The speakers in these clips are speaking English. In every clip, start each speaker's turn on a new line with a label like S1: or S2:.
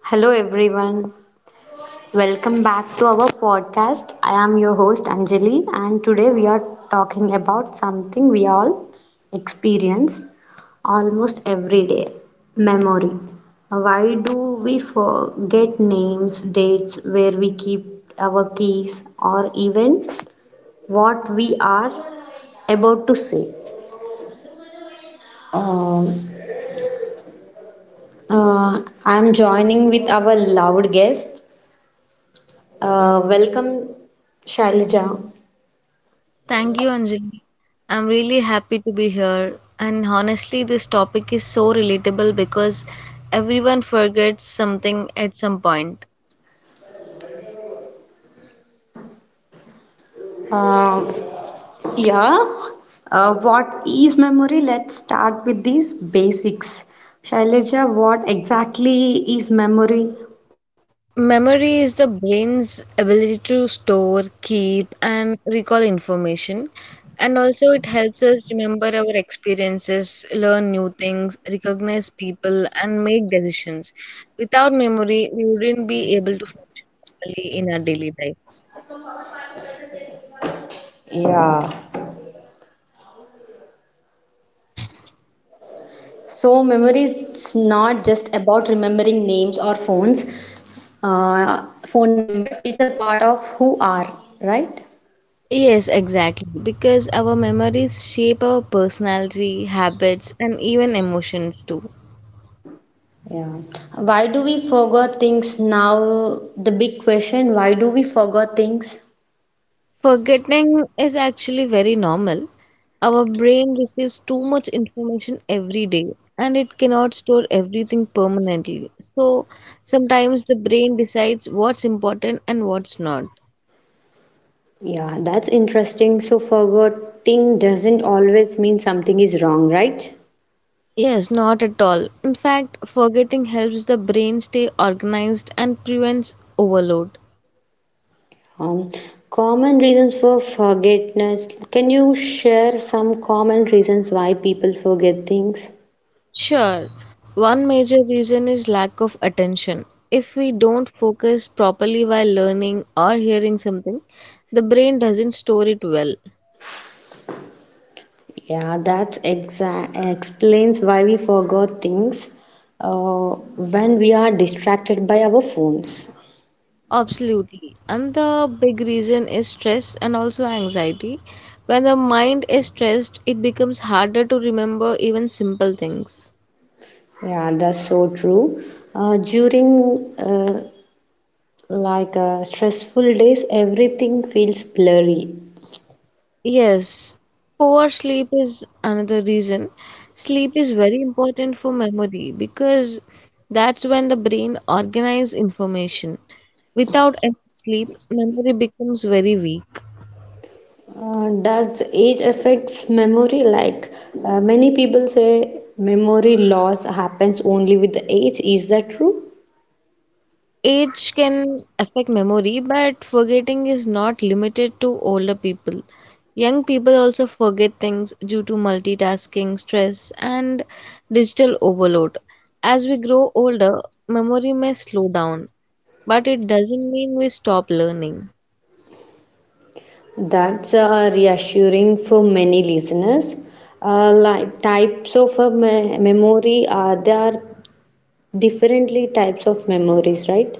S1: Hello everyone. Welcome back to our podcast. I am your host Anjali and today we are talking about something we all experience almost every day, memory. Why do we forget names, dates, where we keep our keys or even what we are about to say? Um, I am joining with our loved guest. Welcome Shailja.
S2: Thank you, Anjali. I'm really happy to be here. And honestly, this topic is so relatable because everyone forgets something at some point.
S1: Um, yeah. What is memory? Let's start with these basics. Shailaja, what exactly is memory?
S2: Memory is the brain's ability to store, keep, and recall information. And also, it helps us remember our experiences, learn new things, recognize people, and make decisions. Without memory, we wouldn't be able to function normally in our daily lives.
S1: Yeah. So, memory is not just about remembering names or phone numbers. It's a part of who are, right?
S2: Yes, exactly. Because our memories shape our personality, habits, and even emotions too.
S1: Yeah. Why do we forget things now? The big question, why do we forget things?
S2: Forgetting is actually very normal. Our brain receives too much information every day and it cannot store everything permanently. So sometimes the brain decides what's important and what's not.
S1: Yeah, that's interesting. So forgetting doesn't always mean something is wrong, right?
S2: Yes, not at all. In fact, forgetting helps the brain stay organized and prevents overload.
S1: Um, common reasons for forgetness. Can you share some common reasons why people forget things?
S2: Sure. One major reason is lack of attention. If we don't focus properly while learning or hearing something, the brain doesn't store it well.
S1: Yeah, that explains why we forgot things uh, when we are distracted by our phones.
S2: Absolutely. And the big reason is stress and also anxiety. When the mind is stressed, it becomes harder to remember even simple things.
S1: Yeah, that's so true. During like stressful days, everything feels blurry.
S2: Yes, poor sleep is another reason. Sleep is very important for memory because that's when the brain organizes information. Without enough sleep, memory becomes very weak.
S1: Does age affects memory? Like many people say, memory loss happens only with the age. Is that true?
S2: Age can affect memory, but forgetting is not limited to older people. Young people also forget things due to multitasking, stress, and digital overload. As we grow older, memory may slow down but it doesn't mean we stop learning.
S1: That's reassuring for many listeners. Like types of memory are there are differently types of memories, right?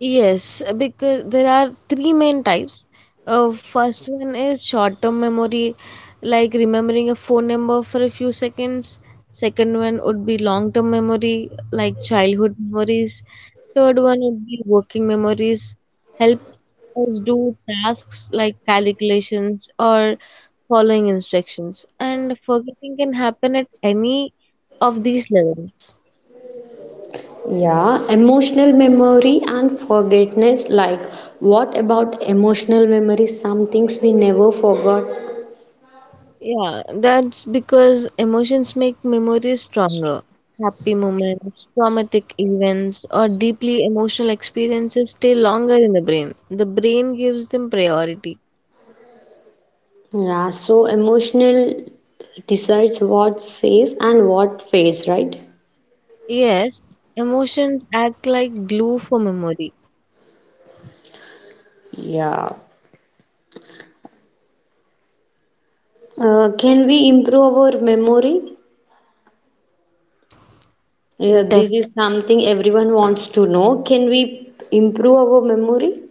S2: Yes, because there are three main types. First one is short-term memory, like remembering a phone number for a few seconds. Second one would be long-term memory, like childhood memories. Third one would be working memories, helps us do tasks like calculations or following instructions. And forgetting can happen at any of these levels.
S1: Yeah, emotional memory and forgetfulness. Like, what about emotional memory? Some things we never forgot.
S2: Yeah, that's because emotions make memories stronger. Happy moments, traumatic events, or deeply emotional experiences stay longer in the brain. The brain gives them priority.
S1: Yeah, so emotional decides what stays and what fades, right?
S2: Yes, emotions act like glue for memory.
S1: Yeah. Can we improve our memory? Yeah, this is something everyone wants to know. Can we improve our memory?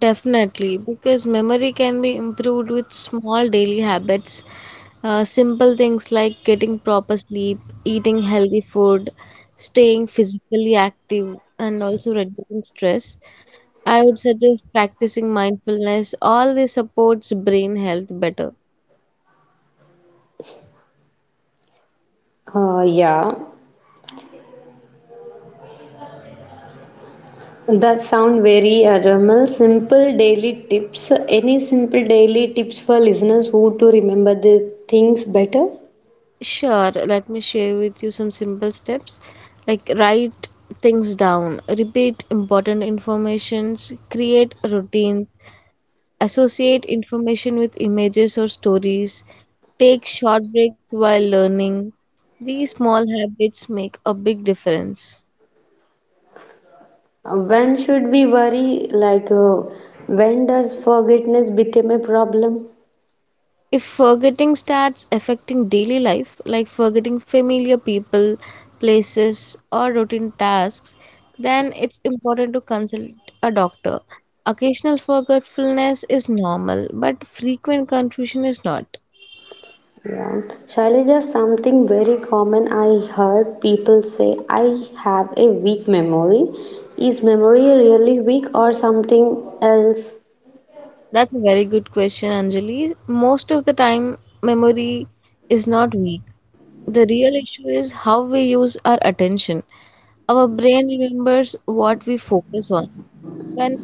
S2: Definitely, because memory can be improved with small daily habits. Simple things like getting proper sleep, eating healthy food, staying physically active, and also reducing stress. I would suggest practicing mindfulness. All this supports brain health better.
S1: Uh, yeah. That sound very simple daily tips. Any simple daily tips for listeners who to remember the things better?
S2: Sure, let me share with you some simple steps like write things down, repeat important informations, create routines associate information with images or stories, take short breaks while learning. These small habits make a big difference.
S1: When should we worry? Like, when does forgetfulness become a problem?
S2: If forgetting starts affecting daily life, like forgetting familiar people, places, or routine tasks, then it's important to consult a doctor. Occasional forgetfulness is normal, but frequent confusion is not.
S1: Yeah. Shailaja, something very common I heard people say, I have a weak memory. Is memory really weak or something else?
S2: That's a very good question, Anjali. Most of the time, memory is not weak. The real issue is how we use our attention. Our brain remembers what we focus on. When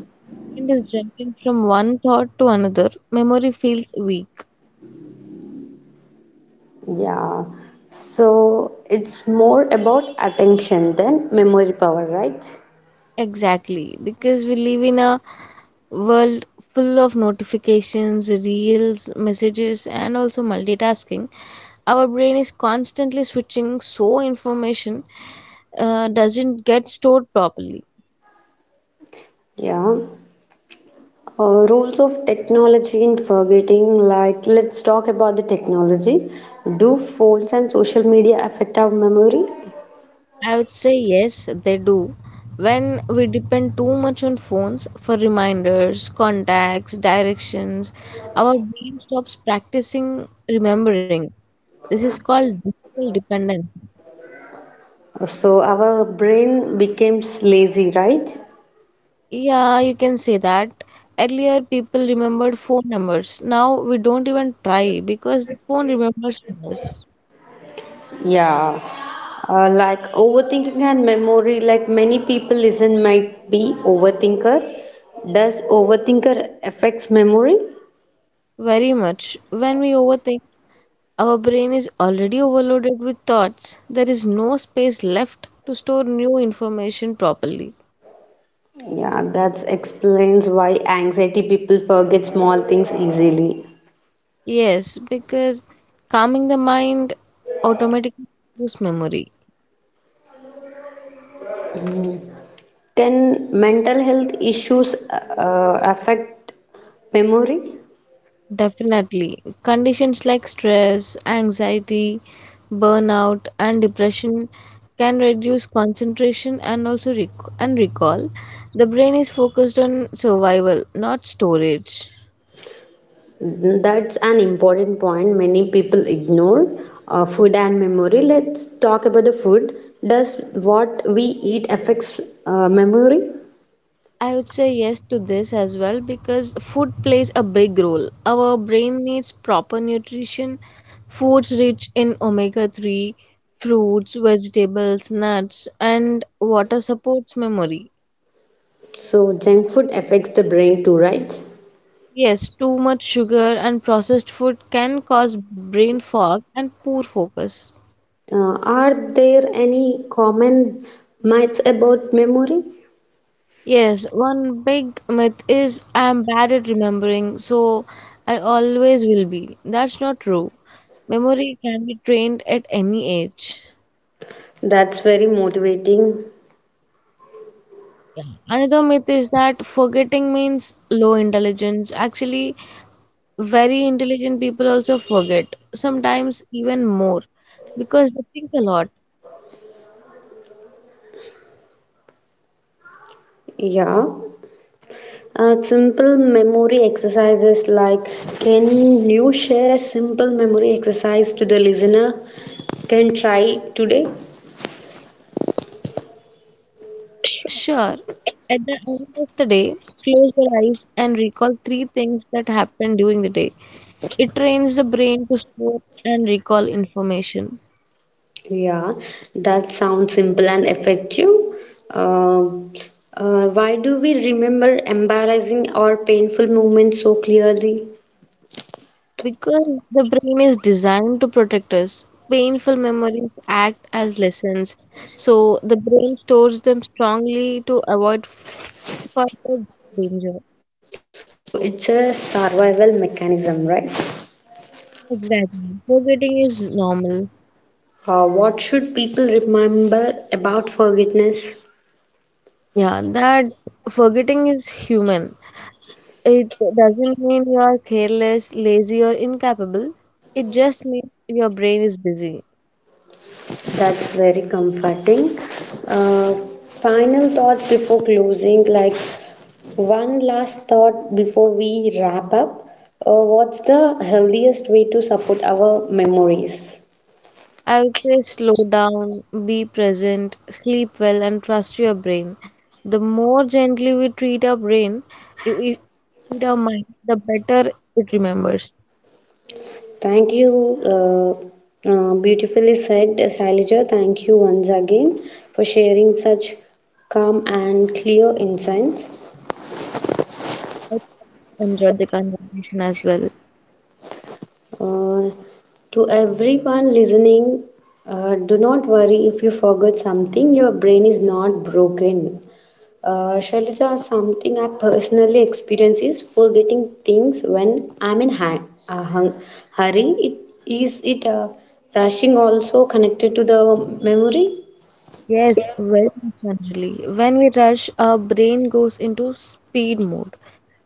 S2: mind is jumping from one thought to another, memory feels weak.
S1: Yeah. So it's more about attention than memory power, right?
S2: Exactly, because we live in a world full of notifications, reels, messages, and also multitasking. Our brain is constantly switching so information doesn't get stored properly.
S1: Yeah. Roles of technology in forgetting, like let's talk about the technology. Do phones and social media affect our memory?
S2: I would say yes, they do. When we depend too much on phones for reminders, contacts, directions, our brain stops practicing remembering. This is called digital dependence.
S1: So our brain becomes lazy, right?
S2: Yeah, you can say that. Earlier, people remembered phone numbers. Now, we don't even try because the phone remembers us
S1: Yeah, like overthinking and memory, like many people listen might be overthinker. Does overthinker affects memory?
S2: very much. When we overthink, our brain is already overloaded with thoughts. There is no space left to store new information properly.
S1: Yeah, that explains why anxiety people forget small things easily.
S2: Yes, because calming the mind automatically reduces memory.
S1: Can mental health issues affect memory?
S2: Definitely. Conditions like stress, anxiety, burnout, and depression can reduce concentration and also and recall. The brain is focused on survival, not storage.
S1: That's an important point many people ignore. Food and memory. Let's talk about the food. Does what we eat affects memory?
S2: I would say yes to this as well because food plays a big role. Our brain needs proper nutrition. Foods rich in omega 3, fruits, vegetables, nuts, and water supports memory.
S1: So junk food affects the brain too, right?
S2: Yes, too much sugar and processed food can cause brain fog and poor focus.
S1: Are there any common myths about memory?
S2: Yes, one big myth is I'm bad at remembering, so I always will be. That's not true. Memory can be trained at any age.
S1: That's very motivating.
S2: Another myth is that forgetting means low intelligence. Actually, very intelligent people also forget, sometimes even more, because they think a lot.
S1: Yeah. Simple memory exercises like can you share a simple memory exercise to the listener? Can try today.
S2: Sure, at the end of the day, close your eyes and recall three things that happened during the day. It trains the brain to store and recall information.
S1: Yeah, that sounds simple and effective. Um why do we remember embarrassing or painful moments so clearly?
S2: Because the brain is designed to protect us, painful memories act as lessons. So the brain stores them strongly to avoid further danger.
S1: So it's a survival mechanism, right?
S2: Exactly. Forgetting is normal.
S1: What should people remember about forgiveness?
S2: Yeah, that forgetting is human. It doesn't mean you are careless, lazy, or incapable. It just means your brain is busy.
S1: That's very comforting. Uh, final thoughts before closing, like one last thought before we wrap up. What's the healthiest way to support our memories?
S2: I would say slow down, be present, sleep well, and trust your brain. The more gently we treat our brain, i- i- treat our mind, the better it remembers.
S1: Thank you. Beautifully said, Shailaja. Thank you once again for sharing such calm and clear insights.
S2: I enjoyed the conversation as well.
S1: Uh, to everyone listening, do not worry if you forgot something. Your brain is not broken. Shailaja, something I personally experience is forgetting things when I'm in a hurry. It, is it rushing also connected to the memory?
S2: Yes, well, said, Anjali. When we rush, our brain goes into speed mode,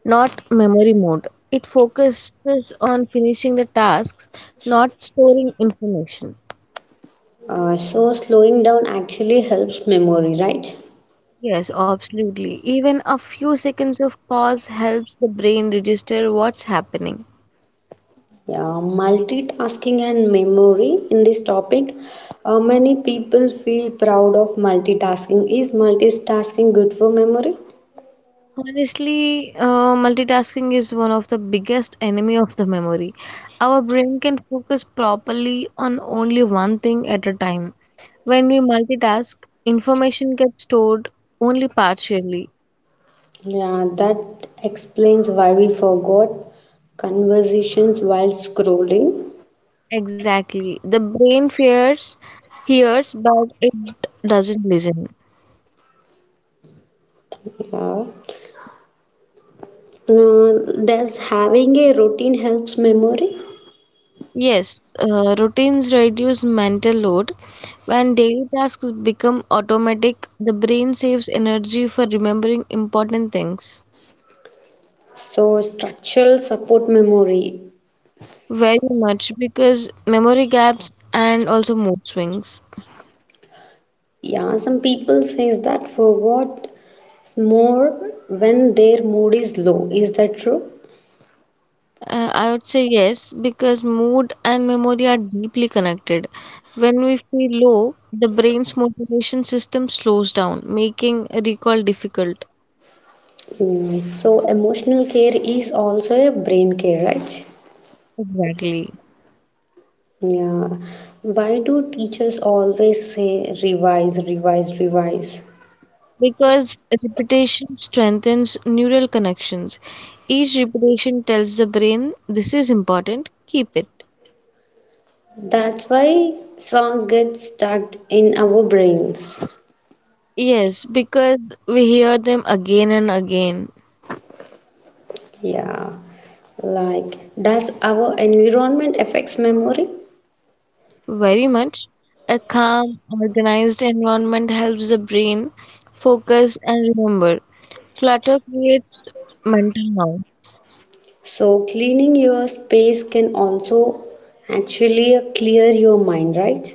S2: not memory mode. It focuses on finishing the tasks, not storing information.
S1: So slowing down actually helps memory, right?
S2: Yes, absolutely. Even a few seconds of pause helps the brain register what's happening.
S1: Yeah, multitasking and memory in this topic. Many people feel proud of multitasking. Is multitasking good for memory?
S2: Honestly, multitasking is one of the biggest enemy of the memory. Our brain can focus properly on only one thing at a time. When we multitask, information gets stored only partially.
S1: Yeah, that explains why we forgot conversations while scrolling.
S2: Exactly. The brain fears, hears, but it doesn't listen.
S1: Yeah. Does having a routine helps memory?
S2: Yes, routines reduce mental load. When daily tasks become automatic, the brain saves energy for remembering important things.
S1: So structural support memory.
S2: Very much because memory gaps and also mood swings.
S1: Yeah, some people says that forgot more when their mood is low. Is that true?
S2: I would say yes, because mood and memory are deeply connected. When we feel low, the brain's motivation system slows down, making recall difficult.
S1: Mm, so, emotional care is also a brain care, right?
S2: Exactly.
S1: Yeah. Why do teachers always say revise, revise, revise?
S2: Because repetition strengthens neural connections. Each repetition tells the brain, this is important, keep it.
S1: That's why songs get stuck in our brains.
S2: Yes, because we hear them again and again.
S1: Yeah. Like, does our environment affects memory?
S2: Very much. A calm, organized environment helps the brain focus and remember. Clutter creates mental noise.
S1: So, cleaning your space can also actually clear your mind, right?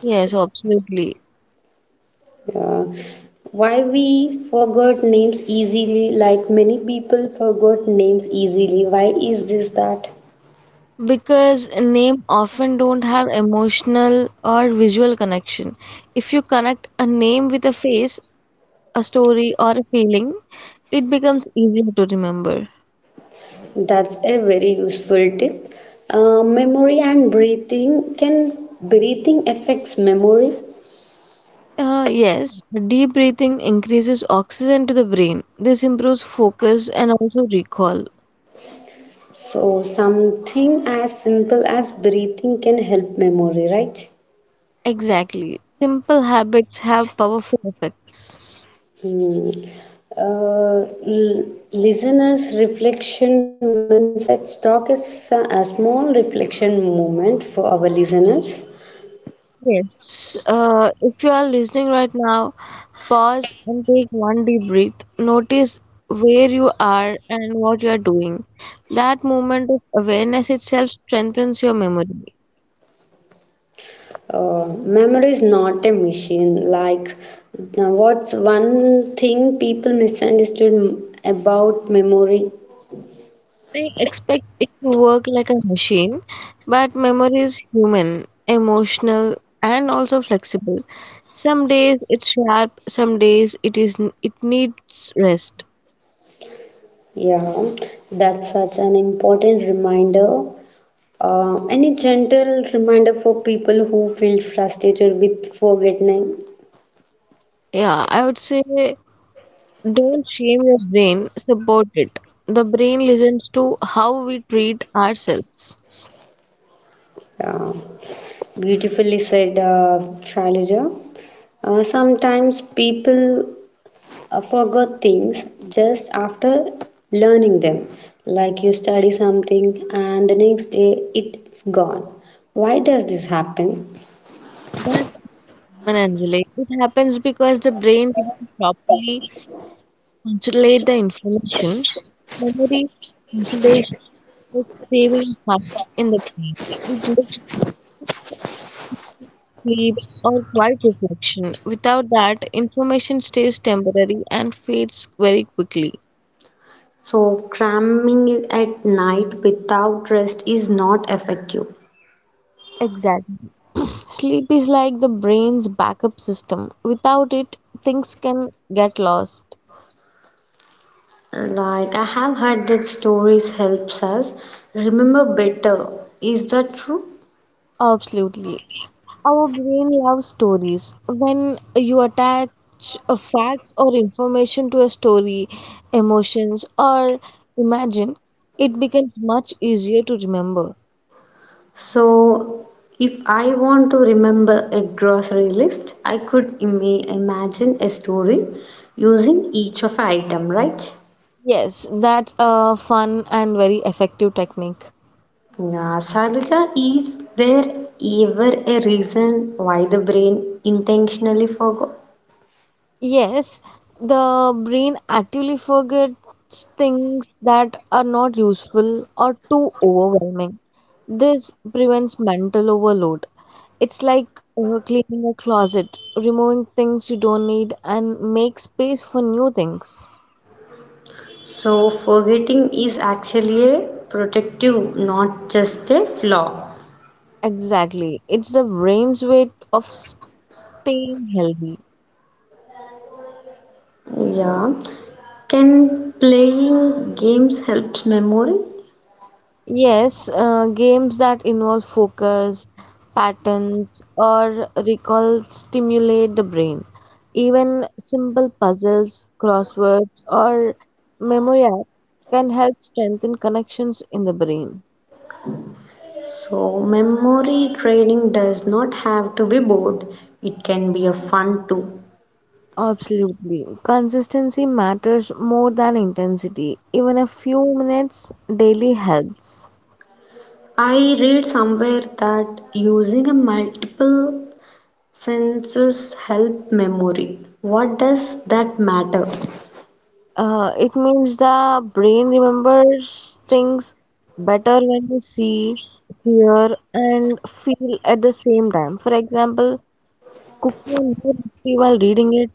S2: Yes, absolutely.
S1: Yeah. Why we forgot names easily, like many people forgot names easily. Why is this that?
S2: Because name often don't have emotional or visual connection. If you connect a name with a face, a story, or a feeling, it becomes easier to remember.
S1: That's a very useful tip. Memory and breathing can breathing affects memory.
S2: Yes, deep breathing increases oxygen to the brain. This improves focus and also recall.
S1: So something as simple as breathing can help memory, right?
S2: Exactly. Simple habits have powerful effects.
S1: Hmm. Uh, l- listeners reflection moments let's talk a small reflection moment for our listeners.
S2: Yes. If you are listening right now, pause and take one deep breath. Notice where you are and what you are doing. That moment of awareness itself strengthens your memory.
S1: Memory is not a machine. Like, now what's one thing people misunderstood about memory?
S2: They expect it to work like a machine, but memory is human, emotional, and also flexible. Some days it's sharp, some days it is it needs rest.
S1: Yeah, that's such an important reminder. Any gentle reminder for people who feel frustrated with forgetting?
S2: Yeah, I would say don't shame your brain, support it. The brain listens to how we treat ourselves.
S1: Yeah, beautifully said, Shailaja. Sometimes people forgot things just after learning them. Like you study something and the next day it's gone. Why does this happen?
S2: That's common, Anjali. It happens because the brain didn't properly consolidate the information. Memory consolidation like saving time in the brain, with deep sleep or quiet reflection. Without that, information stays temporary and fades very quickly.
S1: So, cramming at night without rest is not effective.
S2: Exactly. Sleep is like the brain's backup system. Without it, things can get lost.
S1: Like, I have heard that stories helps us remember better. Is that true?
S2: Absolutely. Our brain loves stories. When you attach facts or information to a story, emotions, or imagine, it becomes much easier to remember.
S1: So, if I want to remember a grocery list, I could imagine a story using each of item, right?
S2: Yes, that's a fun and very effective technique.
S1: Yeah, Sarita, is there ever a reason why the brain intentionally forgot?
S2: Yes, the brain actively forgets things that are not useful or too overwhelming. This prevents mental overload. It's like cleaning a closet, removing things you don't need, and make space for new things.
S1: So, forgetting is actually a protective, not just a flaw.
S2: Exactly. It's the brain's way of staying healthy.
S1: Yeah. Can playing games help memory?
S2: Yes, games that involve focus, patterns, or recall stimulate the brain. Even simple puzzles, crosswords, or memory apps can help strengthen connections in the brain.
S1: So memory training does not have to be bored. It can be a fun too.
S2: Absolutely. Consistency matters more than intensity. Even a few minutes daily helps.
S1: I read somewhere that using a multiple senses help memory. What does that matter?
S2: It means the brain remembers things better when you see, hear, and feel at the same time. For example, cooking a new recipe while reading it,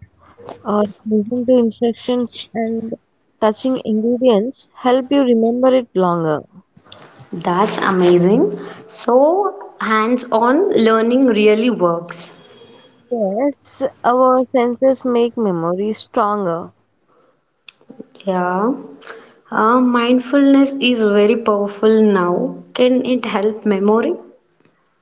S2: or listening to instructions and touching ingredients help you remember it longer.
S1: That's amazing. So hands-on learning really works.
S2: Yes, our senses make memory stronger.
S1: Yeah. Mindfulness is very powerful now. Can it help memory?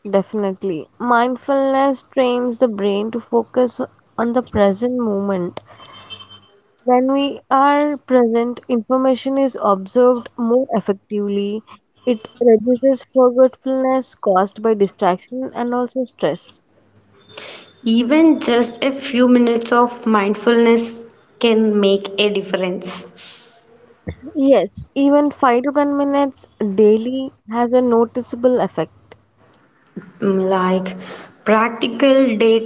S2: Definitely. Mindfulness trains the brain to focus on the present moment. When we are present, information is observed more effectively. It reduces forgetfulness caused by distraction and also stress.
S1: Even just a few minutes of mindfulness can make a difference.
S2: Yes, even 5 to 10 minutes daily has a noticeable effect.
S1: Mm, like practical day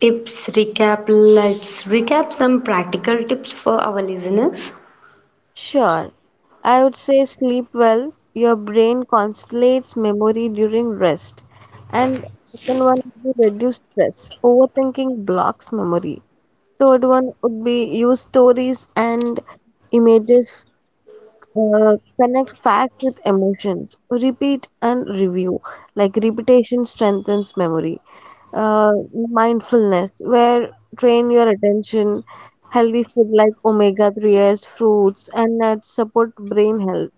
S1: tips recap. Let's recap some practical tips for our listeners.
S2: Sure, I would say sleep well. Your brain constellates memory during rest. And second one would be reduce stress. Overthinking blocks memory. Third one would be use stories and images, uh, connect facts with emotions, repeat and review. Like repetition strengthens memory. Uh, Mindfulness, where train your attention. Healthy food like omega 3s, fruits, and nuts support brain health.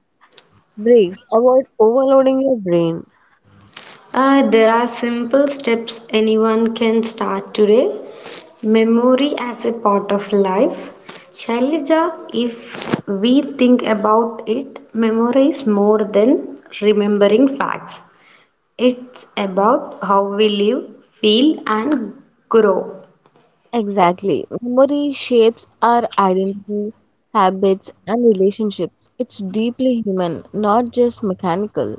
S2: Breaks, avoid overloading your brain.
S1: There are simple steps anyone can start today. Memory as a part of life. Shailaja, if we think about it, memory is more than remembering facts. It's about how we live, feel, and grow.
S2: Exactly. Memory shapes our identity, habits, and relationships. It's deeply human, not just mechanical.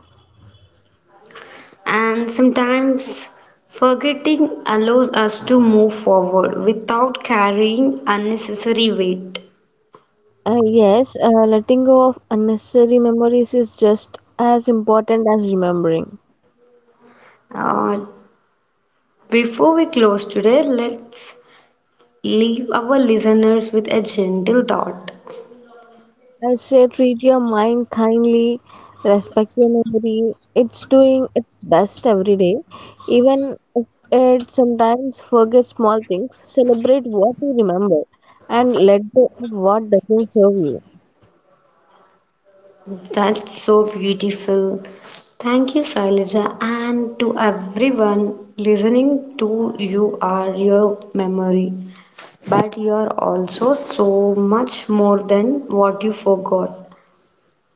S1: And sometimes forgetting allows us to move forward without carrying unnecessary weight.
S2: Yes, letting go of unnecessary memories is just as important as remembering.
S1: Uh, before we close today, let's leave our listeners with a gentle thought.
S2: I'd say treat your mind kindly, respect your memory. It's doing its best every day. Even if it sometimes forgets small things, celebrate what you remember and let go of what doesn't serve you.
S1: That's so beautiful. Thank you, Sailaja, and to everyone listening to you are your memory. But you're also so much more than what you forgot.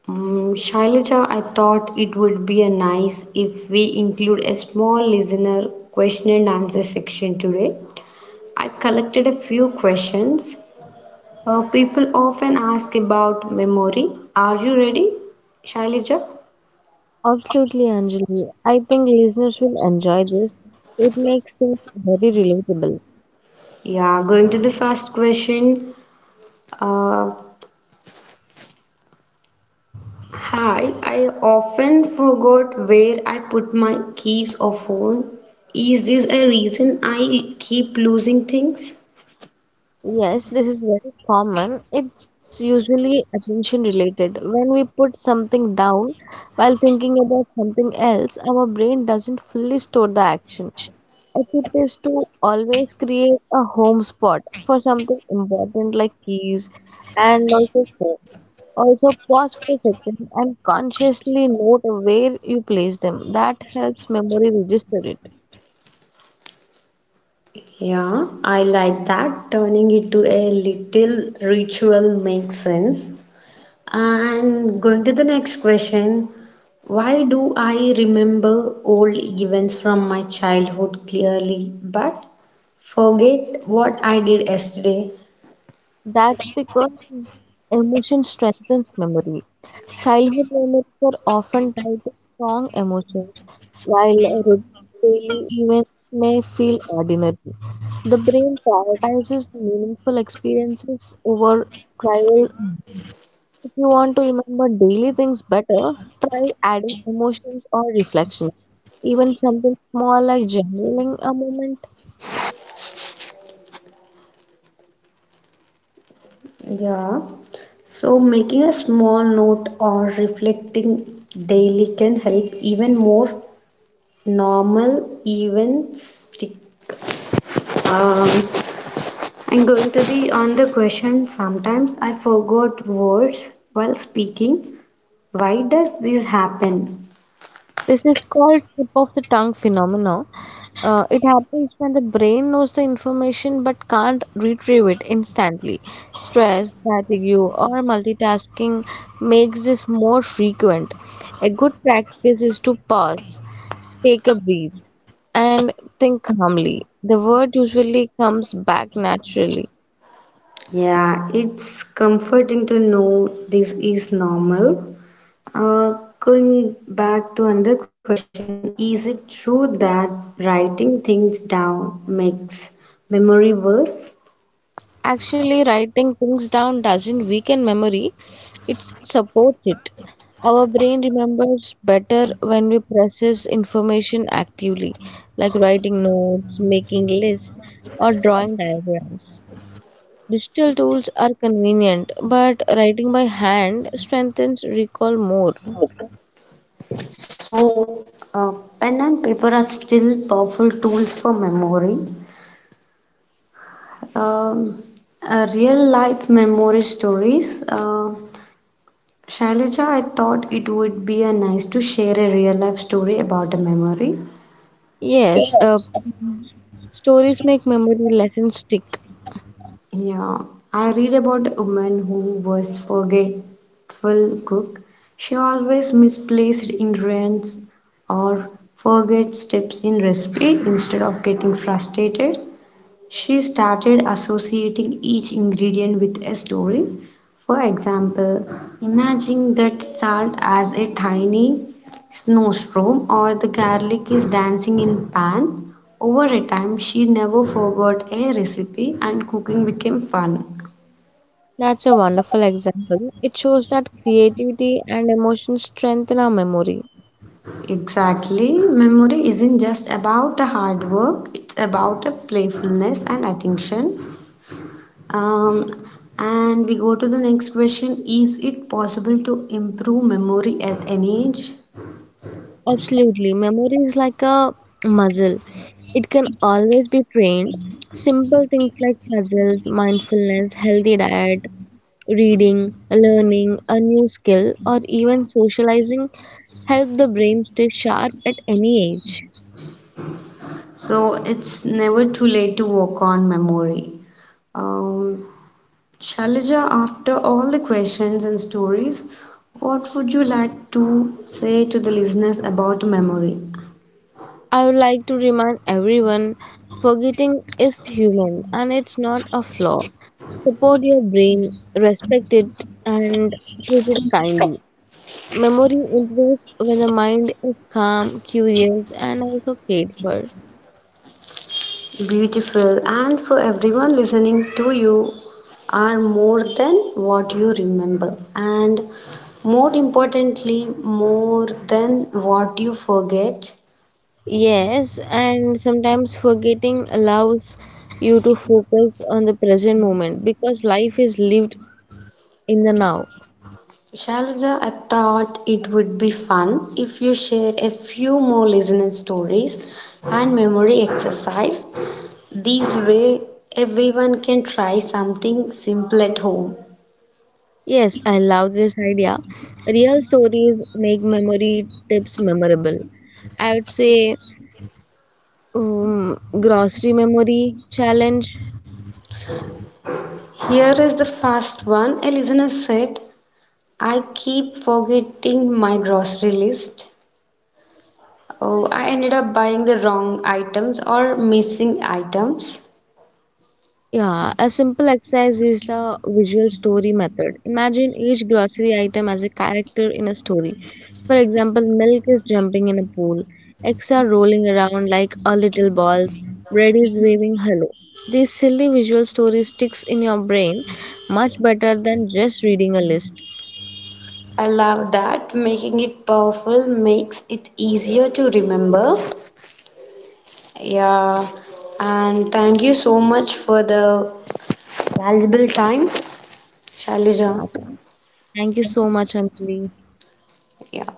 S1: Mm, Shailaja, I thought it would be a nice if we include a small listener question and answer section today. I collected a few questions. People often ask about memory. Are you ready, Shailaja?
S2: Absolutely, Anjali. I think listeners will enjoy this. It makes things very relatable.
S1: Yeah, going to the first question. Uh, Hi, I often forgot where I put my keys or phone. Is this a reason I keep losing things?
S2: Yes, this is very common. It's usually attention related. When we put something down while thinking about something else, our brain doesn't fully store the action. A tip is to always create a home spot for something important like keys and also phone. Also, pause for a second and consciously note where you place them. That helps memory register it.
S1: Yeah, I like that. Turning it to a little ritual makes sense. And going to the next question, why do I remember old events from my childhood clearly but forget what I did yesterday?
S2: That's because emotion strengthens memory. Childhood memories are often tied to strong emotions, while routine daily events may feel ordinary. The brain prioritizes meaningful experiences over trivial. If you want to remember daily things better, try adding emotions or reflections, even something small like journaling a moment.
S1: Yeah. So making a small note or reflecting daily can help even more normal events stick. Um, I'm going to the on the question. Sometimes I forgot words while speaking. Why does this happen?
S2: This is called tip of the tongue phenomenon. It happens when the brain knows the information but can't retrieve it instantly. Stress, fatigue, or multitasking makes this more frequent. A good practice is to pause, take a breath, and think calmly. The word usually comes back naturally.
S1: Yeah, it's comforting to know this is normal. Uh, going back to another question, is it true that writing things down makes memory worse?
S2: Actually, writing things down doesn't weaken memory, it supports it. Our brain remembers better when we process information actively, like writing notes, making lists, or drawing diagrams. Digital tools are convenient, but writing by hand strengthens recall more.
S1: So, uh, pen and paper are still powerful tools for memory. Um, real life memory stories. Shailaja, I thought it would be a nice to share a real life story about a memory.
S2: Yes, stories make memory, lessons stick.
S1: Yeah, I read about a woman who was forgetful cook. She always misplaced ingredients or forget steps in recipe. Instead of getting frustrated, she started associating each ingredient with a story. For example, imagine that salt as a tiny snowstorm or the garlic is dancing in pan. Over a time, she never forgot a recipe and cooking became fun.
S2: That's a wonderful example. It shows that creativity and emotion strengthen our memory.
S1: Exactly. Memory isn't just about the hard work, it's about the playfulness and attention. Um, and we go to the next question, is it possible to improve memory at any age?
S2: Absolutely. Memory is like a muscle. It can always be trained. Simple things like puzzles, mindfulness, healthy diet, reading, learning a new skill, or even socializing help the brain stay sharp at any age.
S1: So it's never too late to work on memory. Um, Shalija, after all the questions and stories, what would you like to say to the listeners about memory?
S2: I would like to remind everyone forgetting is human and it's not a flaw. Support your brain, respect it, and treat it kindly. Memory improves when the mind is calm, curious, and also cared for.
S1: Beautiful and for everyone listening to you are more than what you remember and more importantly more than what you forget.
S2: Yes, and sometimes forgetting allows you to focus on the present moment because life is lived in the now.
S1: Shalja, I thought it would be fun if you share a few more listener stories and memory exercise. This way, everyone can try something simple at home.
S2: Yes, I love this idea. Real stories make memory tips memorable. I would say grocery memory challenge.
S1: Here is the first one. A listener said, I keep forgetting my grocery list. Oh, I ended up buying the wrong items or missing items.
S2: Yeah, a simple exercise is the visual story method. Imagine each grocery item as a character in a story. For example, milk is jumping in a pool, eggs are rolling around like a little balls, bread is waving hello. This silly visual story sticks in your brain much better than just reading a list.
S1: I love that. Making it powerful makes it easier to remember. Yeah, and thank you so much for the valuable time, Shalija.
S2: Yeah, thank you so much, Anjali.
S1: Yeah.